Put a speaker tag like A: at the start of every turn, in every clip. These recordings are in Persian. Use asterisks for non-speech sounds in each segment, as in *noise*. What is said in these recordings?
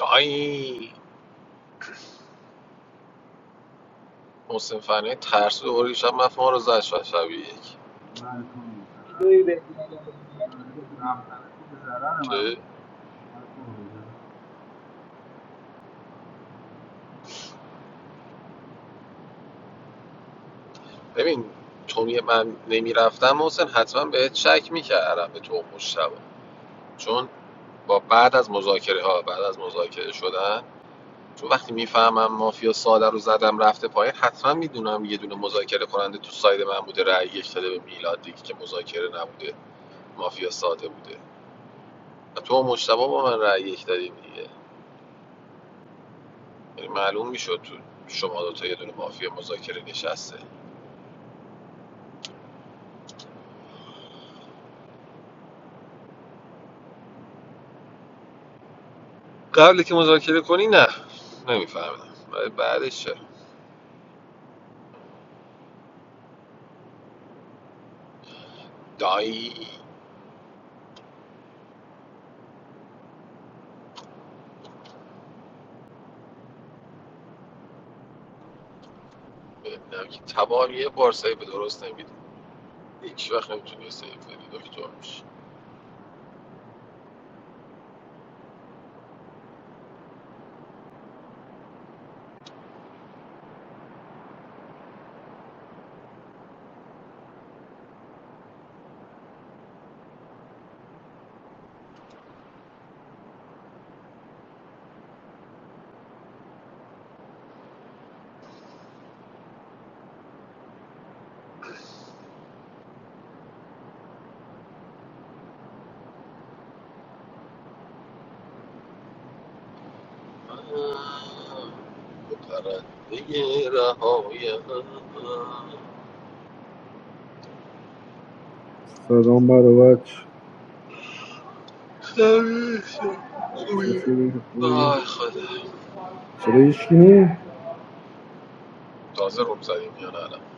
A: آی محسن فنه ترسو دوباره شب مفهوم ما رو زد شد شب یک
B: I don't
C: Very very good.
B: know.
A: چه؟
B: I don't know.
A: ببین چون یه من نمیرفتم محسن حتما بهت شک میکردم به تو و مشتبه چون با بعد از مذاکره ها بعد از مذاکره شدن چون وقتی میفهمم مافیا ساده رو زدم رفته پایین حتما میدونم یه دونه مذاکره کننده تو ساید من بوده رأی یک داده به میلاد دیگه که مذاکره نبوده مافیا ساده بوده و تو و مشتبه با من رأی یک دادیم دیگه یعنی معلوم میشد تو شما دوتا یه دونه مافیا مذاکره نشسته قبل که مذاکره کنی نه نمیفهمیدم ولی بعدش چرا دایی ببینم که تبار یه بار سعی به درست نمیده هیچ وقت نمیتونی سیف بدی دکتر میشه پرنده رهایم
D: Sadaambarovac,
A: خمیسه خوبی
D: chefulekovi,
A: آی خدا
D: cirejski.
A: تازه روم زدیم یا نه الان؟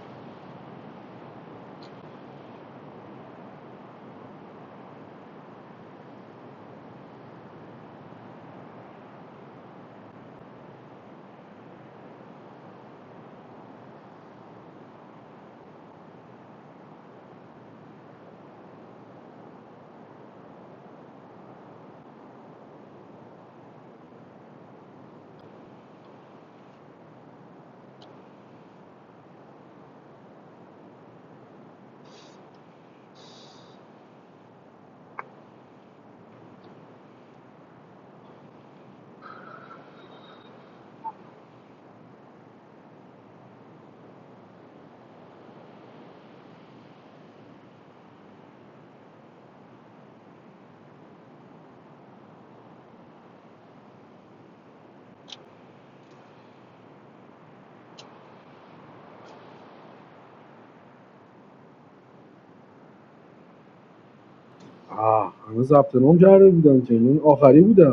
D: Ah, hamazabtenom jaribidan cimen. Akari buda.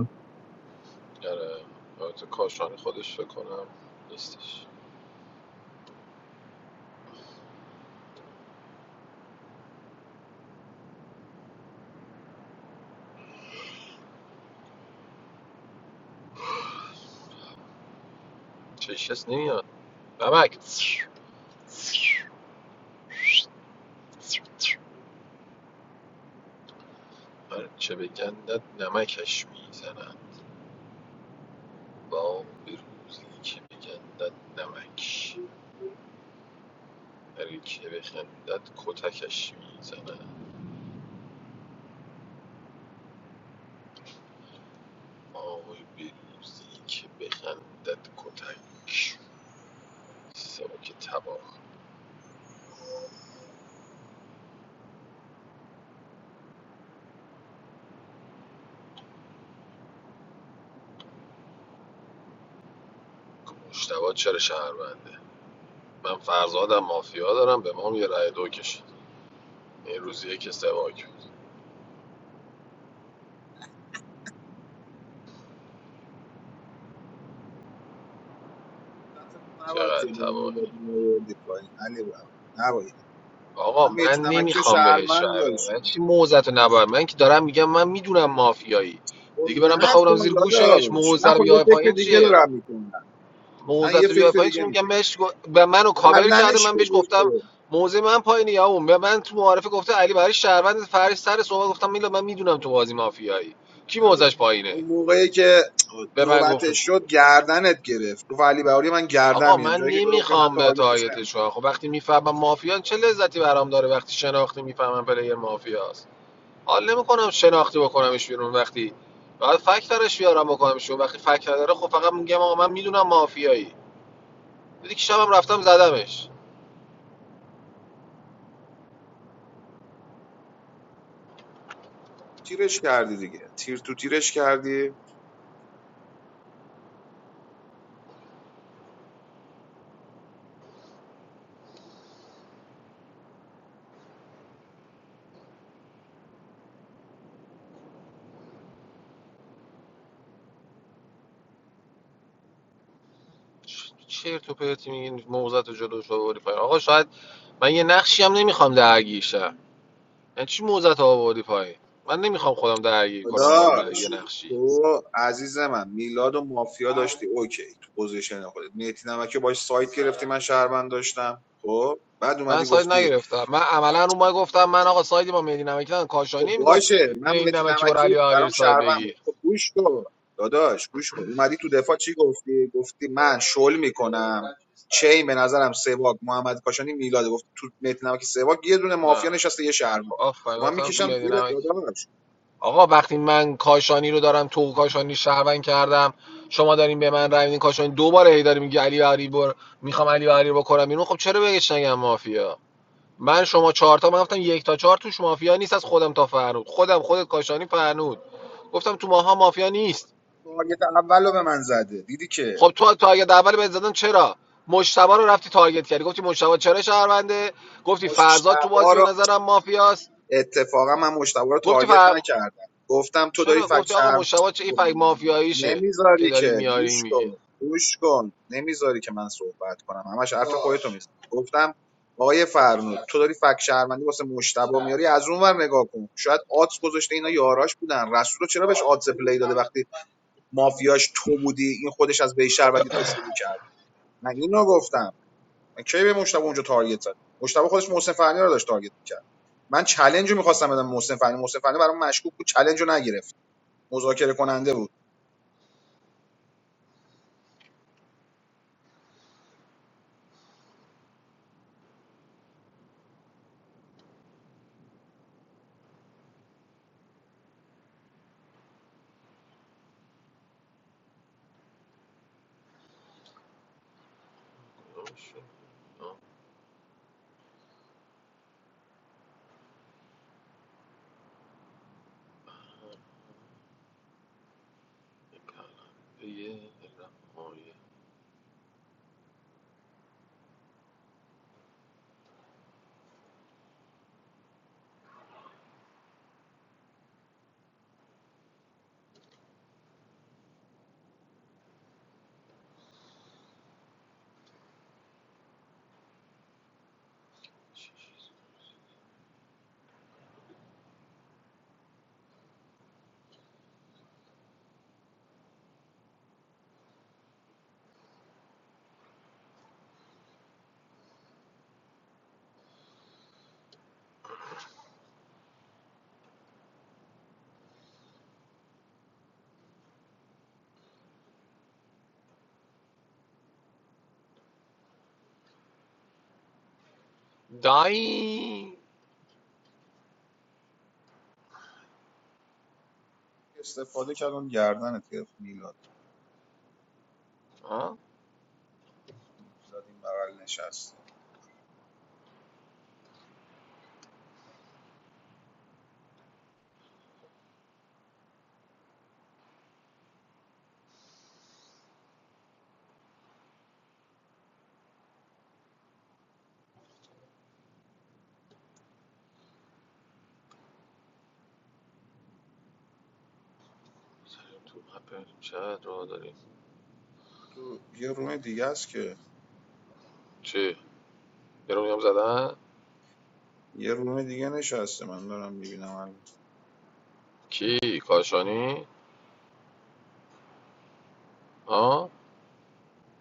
A: آره البته کاشانی خودش فکر کنم نیستش چشس نمیاد نمک هر چه بگندد نمکش میزنم با به روزی که بگندد نمک هر که بخندد کتکش میزنم آه به روزی که بخندد کتک سبک تباه مشتبه چرا شهرونده من فرزادم مافیا دارم به ما هم یه رأی دو کشید این روزیه که سواک بود
E: حضرت نباید
A: چقدر
E: جلوی
A: تباه
E: میلاد میآوردی پایین علی بابا نباید
A: آقا
E: من میتی
A: من
E: نمکی و
A: نمیخوام بهش
E: شهرمند
A: رای بدم
E: داشت
A: من
E: کنم
A: چی موزت نباید. من که دارم میگم من میدونم مافیایی
E: خب
A: دیگه برم بخورم
E: نکن
A: زیر گوشش
E: داداش
A: موزه
E: من
A: رو
E: خب یه
A: بیای
E: فکر
A: پایین
E: دیگه
A: چیه
E: دارم میکنم من یه
A: موزت رو بیای
E: فکر
A: پایین چی
E: دیگه
A: میگم
E: میکنم
A: بهش گف- به منو کاور کرده
E: گردنش
A: من بهش
E: بگیر
A: گفتم
E: خب
A: موزه من پایینه یا اون به من تو معارفه گفته علی برای شهروند فرش سر صحبت گفتم میلا من میدونم تو بازی مافیایی کی موزش
E: اون
A: پایینه
E: موقعی که
A: به من
E: نوبتش
A: گفتش
E: شد گردنت گرفت گفت علی بهاری من گردن
A: آقا
E: میام
A: من
E: جایی که گفت من
A: نمیخوام به
E: تارگتش
A: تایتش
E: نمیکنم
A: خب وقتی میفهمم مافیان چه لذتی برام داره وقتی شناختی میفهمم پلیر مافیاست حال نمیکنم شناختی بکنمش بیرون وقتی بعد فکت درش بیارم بکنمش بیرون وقتی فکت نداره خب فقط میگم آقا من میدونم مافیایی دیدی که شبم رفتم زدمش
E: تیرش کردی دیگه تیر تو تیرش کردی
A: چ- چرت و پرتی میگین موزت و جلوش آوردی پایین آقا شاید من یه نقشی هم نمیخوام درگیر شم یعنی چی موزت آوردی پایین من نمیخوام خودم درگیر کنم با اون یه
E: داداش
A: نقشی
E: تو عزیز من میلاد و مافیا داشتی اوکی تو پوزیشن خودت میتی نمکه باش سایت گرفتی من شهروند داشتم خب بعد
A: من
E: اومدی
A: ساید
E: گفتی
A: نگرفتم من عملا رو ما گفتم من آقا سایدی با مهدی نمکی ندارم.
E: خب
A: کاشانی میگفت
E: باشه
A: نه
E: من
A: این
E: میتی
A: نمکی بر علی
E: نمکی
A: آریر
E: برام
A: ساید
E: شهروند بود
A: بگیر
E: خب گوش کن داداش گوش کن اومدی تو دفاع چی گفتی گفتی من شل میکنم چین به نظرم سواگ محمد کاشانی میلاد گفت تو میتی نمکی سواگ یه دونه
A: نه
E: مافیا نشسته یه شهروند
A: آفرین
E: خب من
A: گفتم تو
E: میکشم زیر
A: مدینه
E: داداش
A: آقا وقتی من کاشانی رو دارم تو کاشانی شهروند کردم شما دارین به من رای میدین کاشانی دوباره هی داری میگی علی بهاری بر میخوام علی بهاری رو بکنم بیرون خب چرا بگیش نگم مافیا من شما چهار تا من گفتم یک تا چهار توش مافیا نیست از خودم تا فرنود خودم خودت کاشانی فرنود گفتم تو ماها مافیا نیست
E: تارگت اولو به من زده دیدی که
A: خب تو تو اگه اول بهت زدم چرا مجتبی رو رفتی تارگت کردی گفتی مجتبی چرا شهرونده گفتی فرزاد تو
E: مجتبی
A: بازی به
E: رو
A: نظرم مافیاست
E: اتفاقا من مجتبی رو
A: گفتی
E: تارگت
A: فر...
E: نکردم گفتم تو داری
A: چرا
E: فکر
A: گفتی آقا
E: شهر
A: مشتبه چه این
E: خب،
A: فک مافیاییشه که
E: نمیذاری
A: داری
E: که
A: میاری
E: گوش
A: میگی
E: کن گوش کن نمیذاری که من صحبت کنم همش حرف خودتو باش گفتم آقای فرنود تو داری فک شهروندی واسه مشتبه میاری از اون ور نگاه کن شاید آدز گذاشته اینا یاراش بودن رسول رو چرا بهش آدز پلی داده وقتی مافیاش تو بودی این خودش از بی شهروندی تو شروع کرد من اینو گفتم من کی به مشتبه اونجا تارگت زدم مشتبه خودش محسن فنی رو داشت تارگت می‌کرد. من چلنج رو میخواستم بدم محسن فنی محسن فنی برام مشکوک بود چلنج رو نگرفت مذاکره کننده بود
A: دایی
E: استفاده کردم گردنت گرفت میلاد
A: ها
E: میلاد این بغل نشسته
A: سلام تو مپ چقدر راه داریم
E: تو یه روم دیگه است که
A: چی یه رو زدن
E: یه روم دیگه نشسته من دارم میبینم الان
A: کی کاشانی ها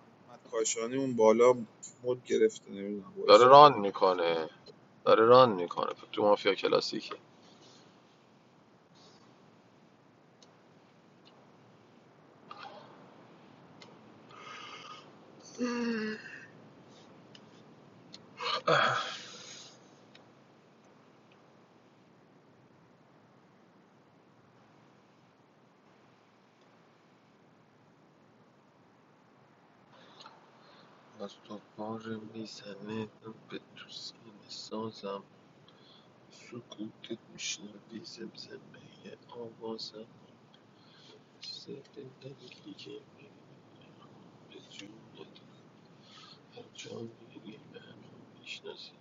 E: محمد کاشانی اون بالا مد گرفته نمیدونم
A: داره
E: وایساده
A: ران میکنه داره ران میکنه تو مافیا کلاسیکه از تو بار میزنه به تو سینه سازم سکوتت میشنوی زمزمه آواز سفت ندیدی که به جونت پرچم گیری به همه میشناسی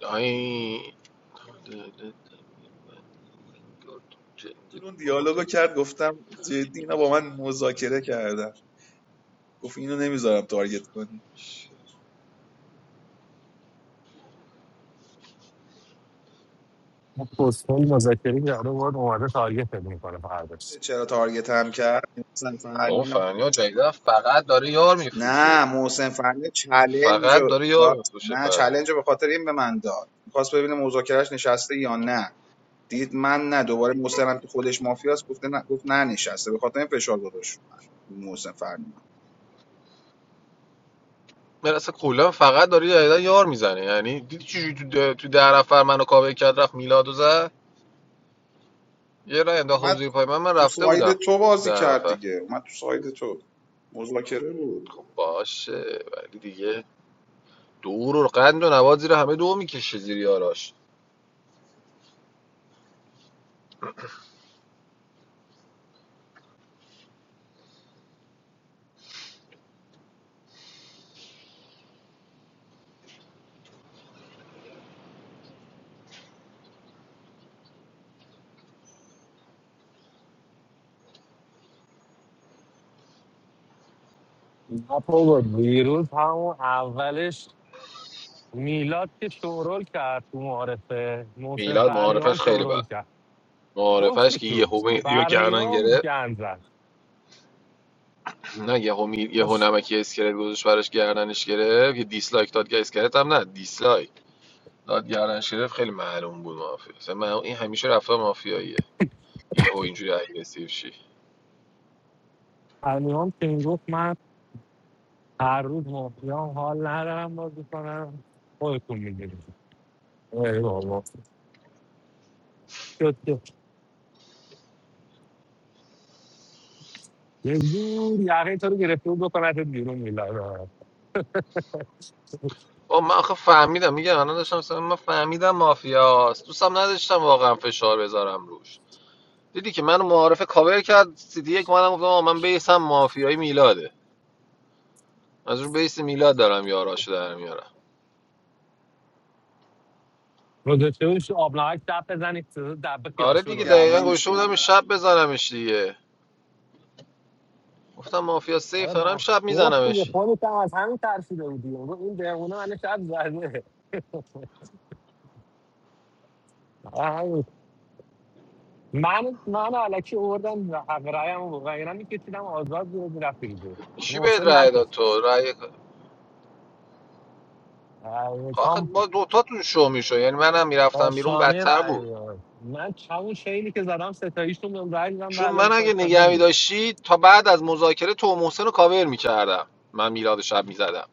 A: دایی داده من گرد
E: تو
A: جنگی
E: اون
A: با
E: دیالوگو کرد
A: دلم
E: گفتم جدی اینا با من
A: بزنش
E: مذاکره کردن گفت اینو نمیذارم تارگت کنی
F: اون پستال مذاکره کرده بود اومده تارگت میکنه فرداش
E: چرا تارگت هم کرد
A: بابا
E: مثلا
A: فنیا جدیدا فقط داره یار میفروشه
E: نه محسن فنی چلنج
A: فقط
E: رو
A: داره یار
E: داد
A: میفروشه
E: نه
A: فره
E: چلنج رو به خاطر این به من داد میخواست ببینه مذاکرهش نشسته یا نه دید من نه دوباره محسنم که خودش مافیاست گفته نه گفت نه نشسته به خاطر این فشار گذاشت رو من محسن فنی
A: من اصلا کلا فقط داره جدیدا یار میزنه یعنی دیدی چجوری تو ده- تو ده نفر منو کاوه کرد رفت میلاد و زد یه راه انداخت
E: اومد
A: زیر پای من من
E: تو
A: رفته
E: ساید
A: بودم
E: تو
A: تو
E: بازی
A: ده
E: کرد
A: نفر
E: دیگه اومد تو ساید تو مذاکره
A: خب
E: بود
A: باشه ولی دیگه دور و قند و نواد زیر همه دو میکشه زیر یاراش
F: نه بابا دیروز همون اولش میلاد که شورول کرد تو معارفه محسن
A: میلاد
F: فرنیام
A: معارفش خیلی
F: شورول
A: بد
F: کرد
A: معارفش که
F: جفتشون
A: یهو مهدی رو گردن
F: فرنیام
A: گرفت
F: گن زد
A: نه یهو می... یهو
F: خوش
A: نمکی اسکلت گذاشت براش گردنش گرفت یه دیسلایک داد که اسکلت هم نه دیسلایک داد گردنش گرفت خیلی معلوم بود مافیا مثلا من این همیشه رفتار مافیاییه یهو اینجوری اگریسیو شی
F: فرنیام که این گفت من هر روز مافیام حال ندارم بازی کنم خودتون میدونید ای بابا شد که یه زور یقه تو رو گرفته بود بکنه بیرون میلاد رو
A: آه من آخه فهمیدم میگم الان داشتم مثلا من فهمیدم مافیاست دوستم نداشتم واقعا فشار بذارم روش دیدی که منو معارفه کاور کرد سیدی یک منم گفتم آه من بیسم مافیایی میلاده از رو بیس میلاد دارم یاراشو در میارم
F: گذاشته بودش آب نمک دب بزنی دب
A: آره
E: بعد
A: دیگه
F: خیارشور رو
A: دقیقا
E: گردنش
A: گوشه بودم این
E: بگیر
A: شب بزنمش دیگه گفتم مافیا
F: آره
A: سیف دارم
F: بعد
A: شب
F: گفت دیگه
A: میزنمش
F: خودت هم از همین ترسیده بودی اون این بهونه من شب زده *laughs* آره همین. من من الکی آوردم حق رایم و اینا میکشیدم آزاد بود میرفت دیگه
A: چی بهت
F: محسن
A: رأی داد
F: نکش
A: تو رأی
F: آره،
A: آخه
F: کام
A: با دوتا تو شو میشو یعنی منم
F: با
A: میرفتم بیرون
F: شانه
A: بدتر
F: رای
A: بود
F: داد. من همون شیلی که زدم ستاییشون بهم رای دادم به
A: چون
F: علاوه
A: من اگه
F: کاشانی
A: نگه
F: بود
A: میداشتی تا بعد از مذاکره تو و محسن رو کاور میکردم من میلاد شب میزدم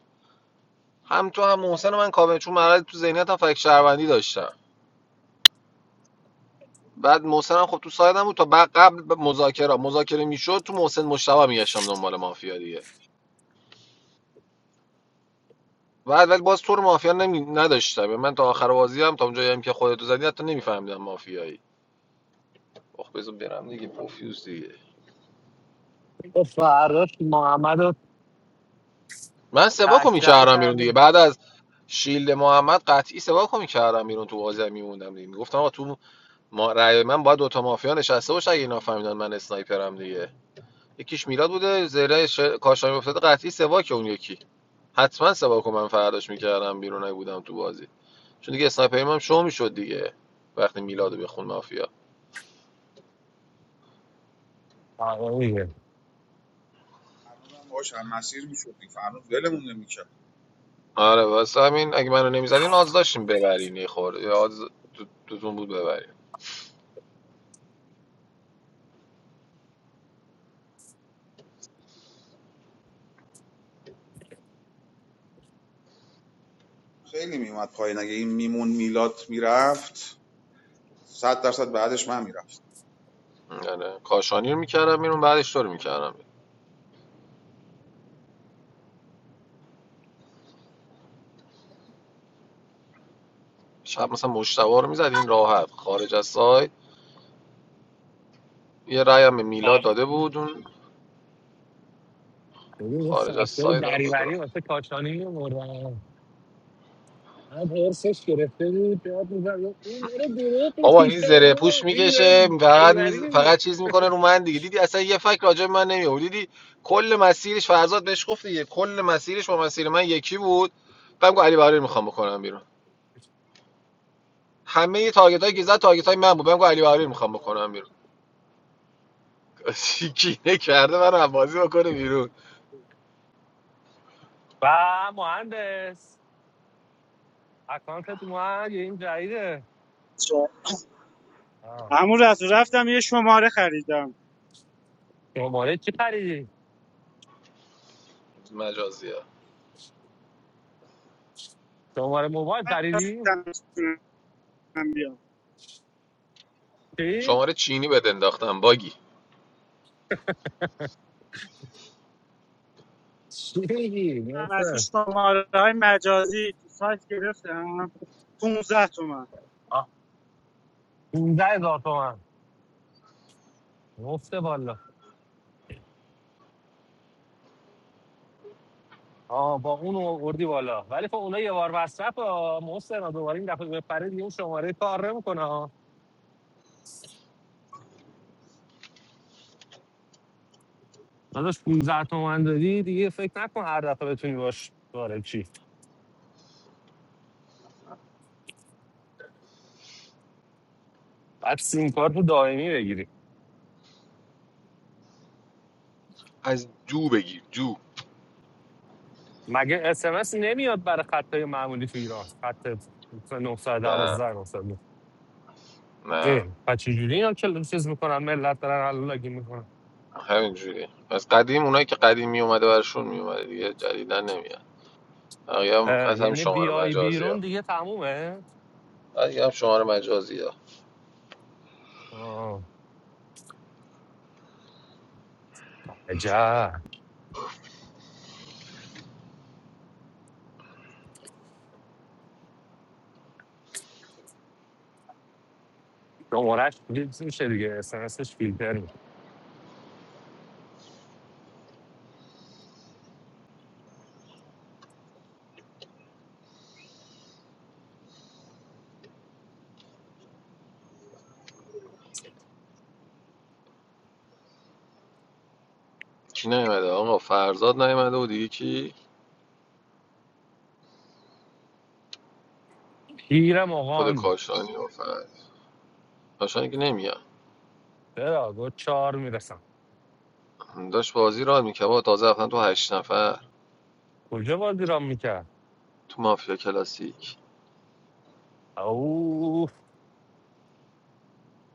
A: هم تو هم محسن رو من کاور چون مرحله تو ذهنیتم فکر شهروندی داشتم بعد محسن هم خب تو سایدم بود تا بعد قبل مذاکره مذاکره میشد تو محسن مشتبه میگشتم دنبال مافیا دیگه بعد ولی باز تو رو مافیا نمی... نداشتم یعنی من تا آخر بازی هم تا اونجایی هم که خودتو زدی حتی نمیفهمیدم مافیایی خب بزن برم دیگه پوفیوز دیگه
F: و فردا محمد رو
A: من سباکو
F: تکرای
A: میکردم بیرون دیگه
F: کردیم
A: بعد از شیلد محمد قطعی سباکو میکردم بیرون تو بازی هم میموندم دیگه میگفتم آقا تو ما... رأی من باید دوتا مافیا نشسته باشه اگه اینا فهمیدن من اسنایپرم دیگه یکیش میلاد بوده زره ش... کاشانی افتاده قطعی سباک اون یکی حتما سباکو من فرداش میکردم بیرون اگه بودم تو بازی چون دیگه اسنایپرم هم شو میشد دیگه وقتی میلادو بخون مافیا
F: آره دیگه
E: فرنودم باهاش هم مسیر میشد فرنود ولمون نمیکرد
A: آره واسه همین اگه منو نمیزدین آز داشتیم ببرین یه خورده یه آز دو- دوتون بود ببرین
E: خیلی میومد پایین اگه این میمون میلاد میرفت صد درصد بعدش من میرم
A: آره کاشانی رو میکردم بیرون بعدش تو رو میکردم شب مثلا مشتبه رو میزدین راحت خارج از سایت یه رأی هم به میلاد داده بود اون
F: ببین یه
A: خارج از
F: سکته
A: سایت هم بود را.
F: دریوری واسه کاشانی می‌آوردن. هم حرسش گرفته بود یاد می‌زد، این داره دروغ
A: بابا
F: میگه
A: این زره
F: ما،
A: پوش
F: این داره
A: میکشه فقط
F: بریبری
A: میز...
F: میگه
A: فقط چیز میکنه رو من دیگه دیدی اصلا یه فکر راجع به من نمیاد دیدی کل مسیرش فرزاد بهش گفت دیگه کل مسیرش با مسیر من یکی بود بعد گفت علی برای میخوام بکنم بیرون همه تارگت هایی که زد تارگت های من بود من گفت علی بهاری میخوام بکنم بیرون *laughs* کینه کرده من بازی بکنه بیرون
F: و مهندس اکانتت اومد یه این جدیده آه.
G: همون رسول رفتم یه شماره خریدم
F: شماره چی خریدی؟
A: مجازی ها
F: شماره موبایل خریدی؟
G: نرسیدم بتونم بیام
F: چی؟
A: شماره چینی بد انداختم باگی
F: چی میگی؟
G: از این
F: مثل
G: شماره های مجازی تو سایت گرفتم 15 تومن
F: 15 هزار تومن مفته بالا آه با اون اردی بالا ولی خب اونها یه بار مصرف ها محسن ها. دوباره این دفعه بپره دیگه اون شماره کار نمیکنه داداش 15 تومن دادی دیگه فکر نکن هر دفعه بتونی باش وارد چی بعد سیم کارت رو دائمی بگیری
A: از دو بگیر دو
F: مگه اس ام اس نمیاد برای خطای معمولی تو ایران خط
A: نه
F: 912 900 اه
A: نه
F: پس چجوری اینا کل چیز میکنن ملت دارن حلالاگی میکنن
A: همینجوری از قدیم اونایی که قدیم می اومده برشون می اومده دیگه جدیدا نمیاد بقیه از همین
F: یعنی
A: شماره
F: بیای
A: مجازی ها
F: بیرون دیگه تمومه
A: بقیه هم شماره مجازی ها
F: آه عجب شمارش فیلتر میشه دیگه اس ام اسش فیلتر میشه
A: کی نیومده آقا فرزاد نمیاد. و دیگه کی
F: پیرم
A: خود
F: آقان
A: کاشانی و فرزاد کاشانی که نمیاد
F: چرا گفت چهار میرسم
A: داشت بازی را میکرد تازه رفتن تو هشت نفر
F: کجا بازی را میکرد
A: تو مافیا کلاسیک
F: او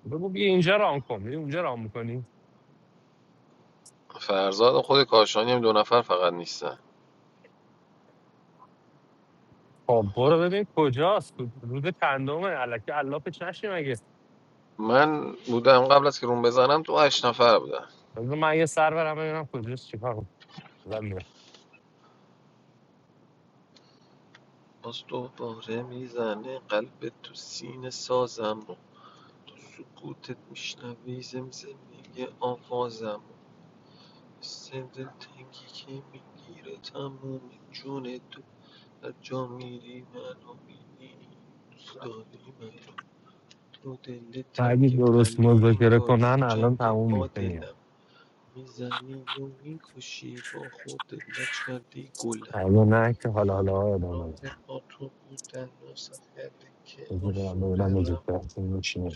F: بگو بیا اینجا رام کن بیا اونجا رام میکنی
A: فرزاد و خود کاشانی هم دو نفر فقط نیستن
F: خب برو ببین کجاست کو- رود چندمه الکی علاپش نشیم اگه
A: من بودم قبل از که روم بزنم تو هشت نفر بودم
F: بذار من یه سر برم ببینم کجاست چیکار کنم میرم
A: باز دوباره میزنه قلب تو سینه سازم و تو سکوتت میشنوی زمزمه آوازم و مثل دلتنگی که میگیره تموم جون تو هر جا میری منو میبینی دوست داری منو تو دل
F: اگه درست مذاکره کنن الان تموم میشه میاد اگه نه که حالا حالا ها ادامه می‌ده. بذار برم ببینم مذاکرهشون چیه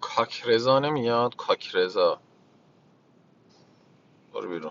A: کاکرزا نمیاد کاکرزا برو بیرون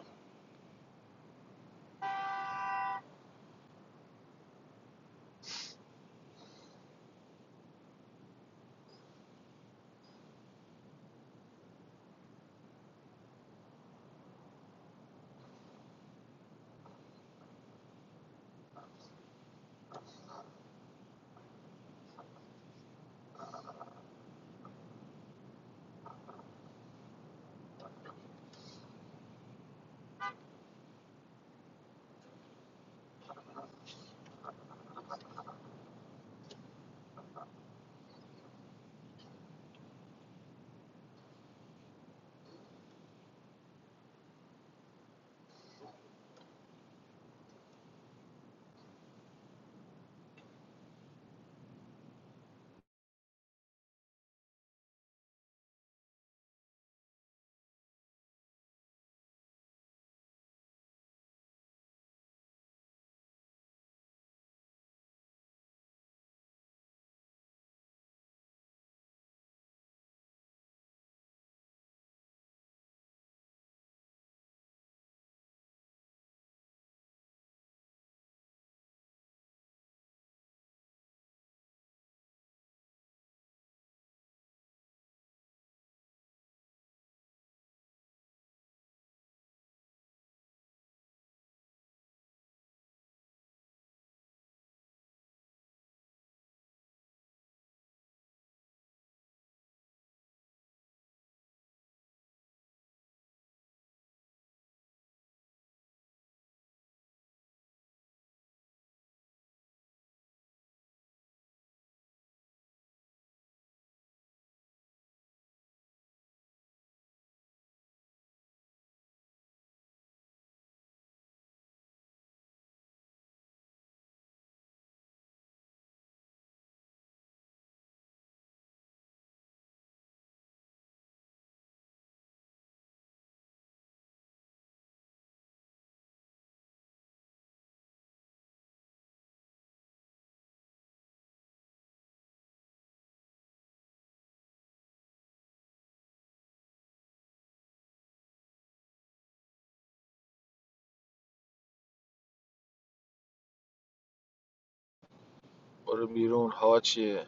A: برو بیرون ها چیه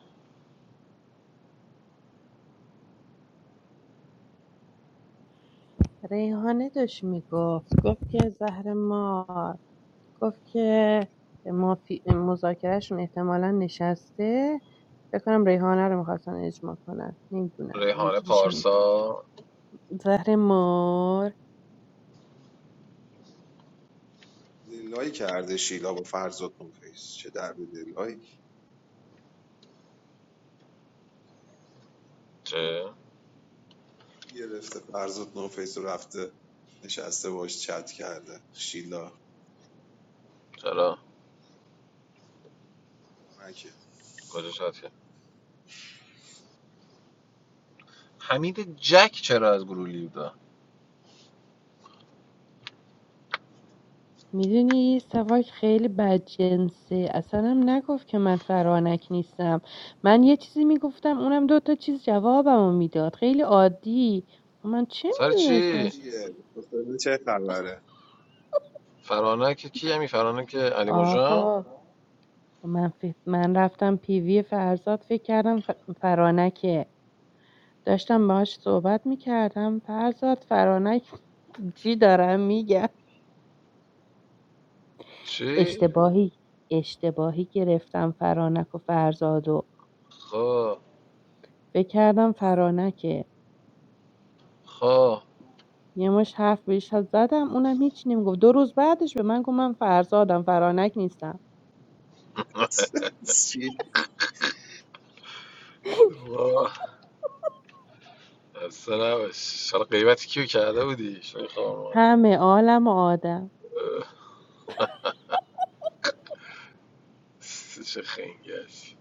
H: ریحانه داشت میگفت گفت که زهر مار گفت که مافی... مذاکرهشون احتمالا نشسته فکر کنم ریحانه رو میخواستن اجماع کنن نمیدونم
A: ریحانه
H: اینجوری شنیدم
A: پارسا
H: زهر مار
E: دلایی کرده شیلا با فرزاد نوفیس چه درد دلایی
A: چه
E: گرفته فرزاد نوفیس رو رفته نشسته باش چت کرده شیلا
A: چرا
E: فرانکه
A: کجا شد کرد حمید جک چرا از گروه لیو دا؟
H: میدونی سواک خیلی بدجنسه اصلا هم نگفت که من فرانک نیستم من یه چیزی میگفتم اونم دو تا چیز جوابمو میداد خیلی عادی خب من چه
A: سر
H: میدونستم
A: چی
E: دیگه حسین چه خبره
A: فرانک کی همی فرانک علی مجان
H: آقا خب من فکر من رفتم پیوی فرزاد فکر کردم ف... فرانکه داشتم باهاش صحبت میکردم فرزاد فرانک *laughs* چی دارم میگم
A: چی
H: اشتباهی اشتباهی گرفتم فرانک و فرزادو
A: خا
H: فکر کردم فرانکه
A: خا
H: یه مش حرف بهش زدم اونم هیچ نمیگفت دو روز بعدش به من گفت من فرزادم فرانک نیستم
E: *laughs* چی؟
H: *laughs*
A: خا اصلا نباش حالا کیو کرده بودی شوی خوار ماده
H: همه عالم و آدم
A: چه خنگش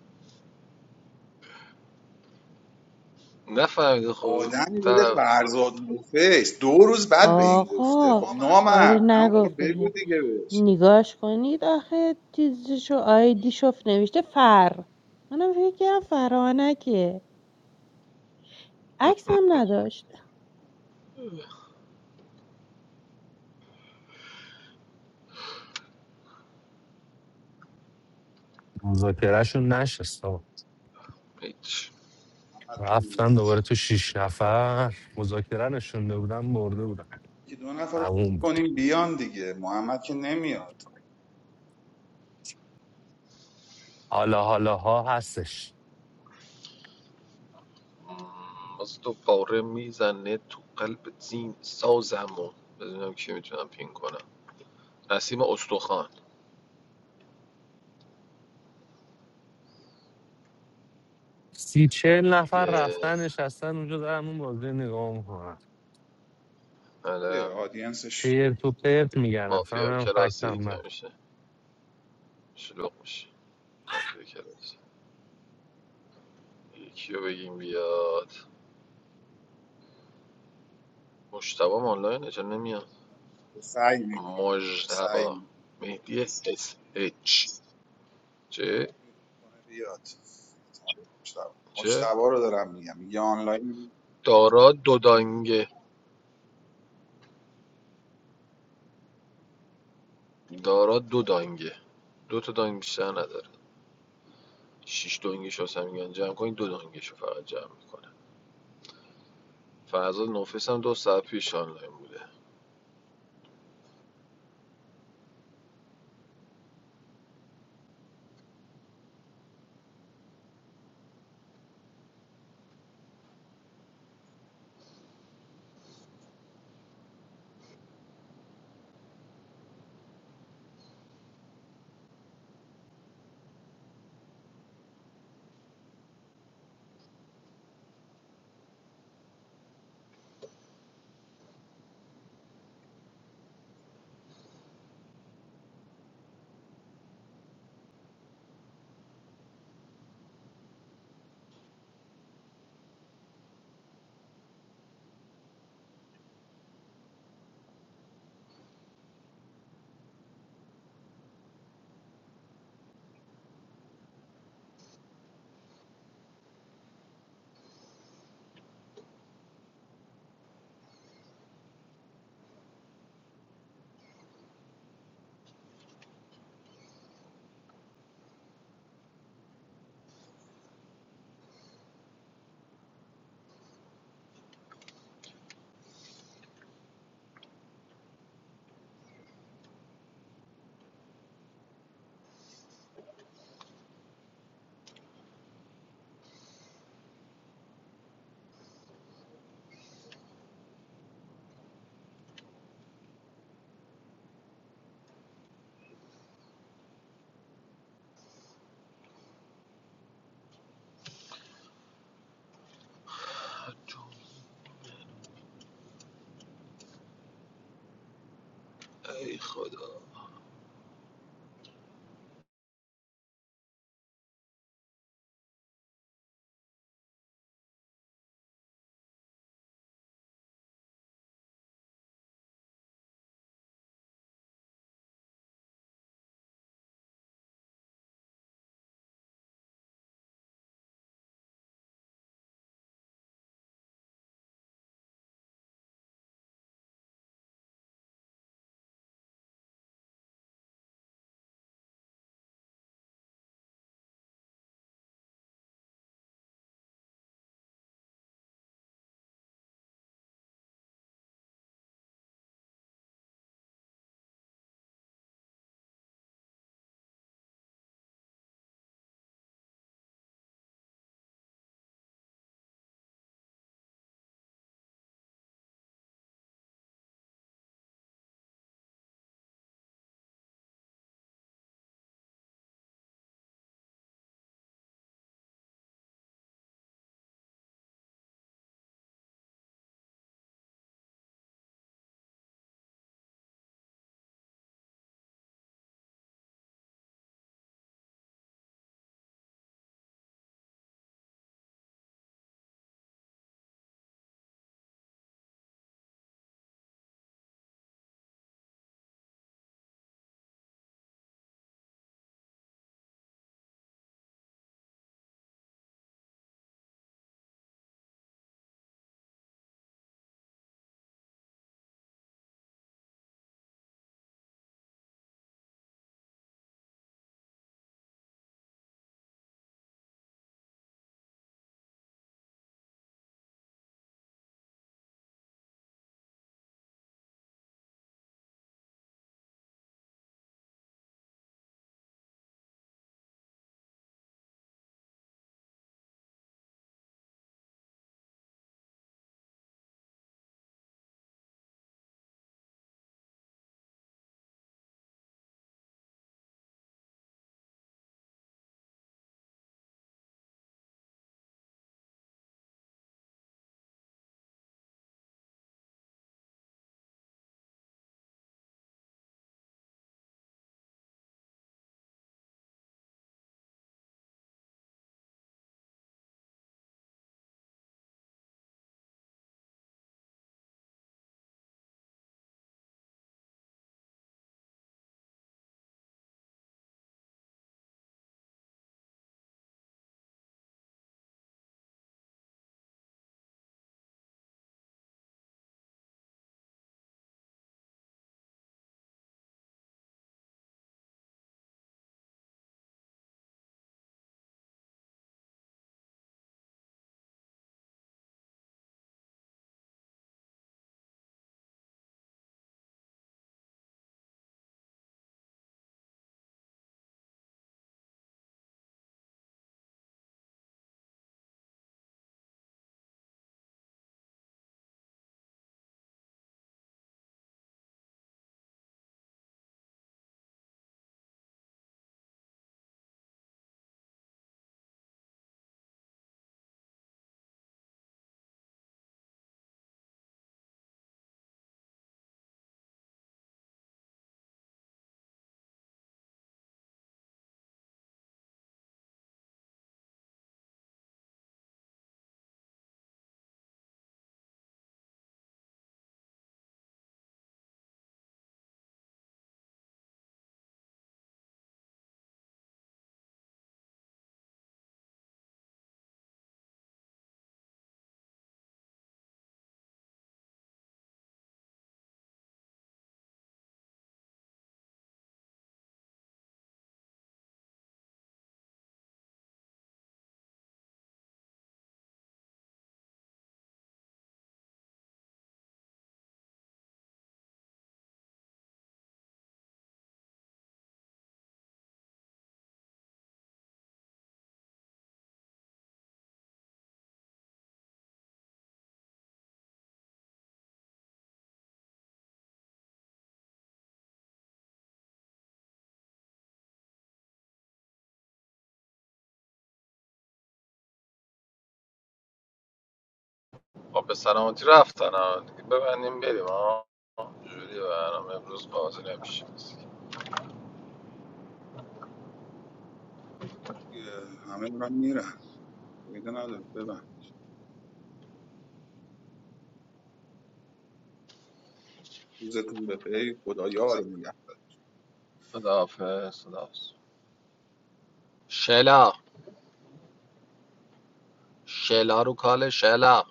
A: نفهمیده خب
E: آدمی بوده
A: طرف
E: فرزاد نوفیس دو روز بعد به این گفته
H: آقا
E: خب
H: آره
E: نامرد اما موقع
H: نگفت
E: بگو
H: بهم.
E: دیگه بهش
H: نگاش کنید آخه چیزشو آیدیشو نوشته فر منم فکر کردم فرانکه عکس هم نداشت
F: مذاکرهشون نشست آقا.
A: هیچ
E: محمد
F: رفتن
E: میاد
F: دوباره تو شیش نفر مذاکره نشونده بودن مرده بودن
E: که دو نفر رو
F: تموم بود
E: کنیم بیان دیگه محمد که نمیاد
F: حالا حالا ها هستش
A: باز تو پاره میزنه تو قلب زین سازم و ببینم کی میتونم پین کنم نسیم استخوان
F: سی چهل نفر
A: دیگه
F: رفتن نشستن اونجا دارن اون بازی رو نگاه میکنن
E: یه
A: بله
E: آدینسش
F: چرت و پرت میگن اصلا
A: مافیا
F: هم فکتم
A: کلاسیک
F: ندارن.
A: میشه شلوغ میشه مافیا کلاسیک یکی رو بگیم بیاد مشتبه هم آنلاینه چرا نمیاد
E: سعی میکنه سعی
A: مجتبا مهدی اس اس اچ چه
E: میکنه بیاد احتمال مشتبه
A: چه
E: مشتبه رو دارم میگم میگه آنلاین
A: دارا دو دانگه دارا دو دانگه دو تا دانگ بیشتر نداره شیش دانگش واسه میگن جمع کنید دو دانگش رو فقط جمع میکنه فرزاد نوفیس هم دو ساعت پیش آنلاین بود خب به سلامتی رفتن ها دیگه ببندیم بریم ها جوری برنامه امروز بازی نمیشه
E: همه دارن میرن فایده نداره ببن روزتون به خیر خدایا رو
A: خداحافظ خداحافظ شلا شلا رو کال شلا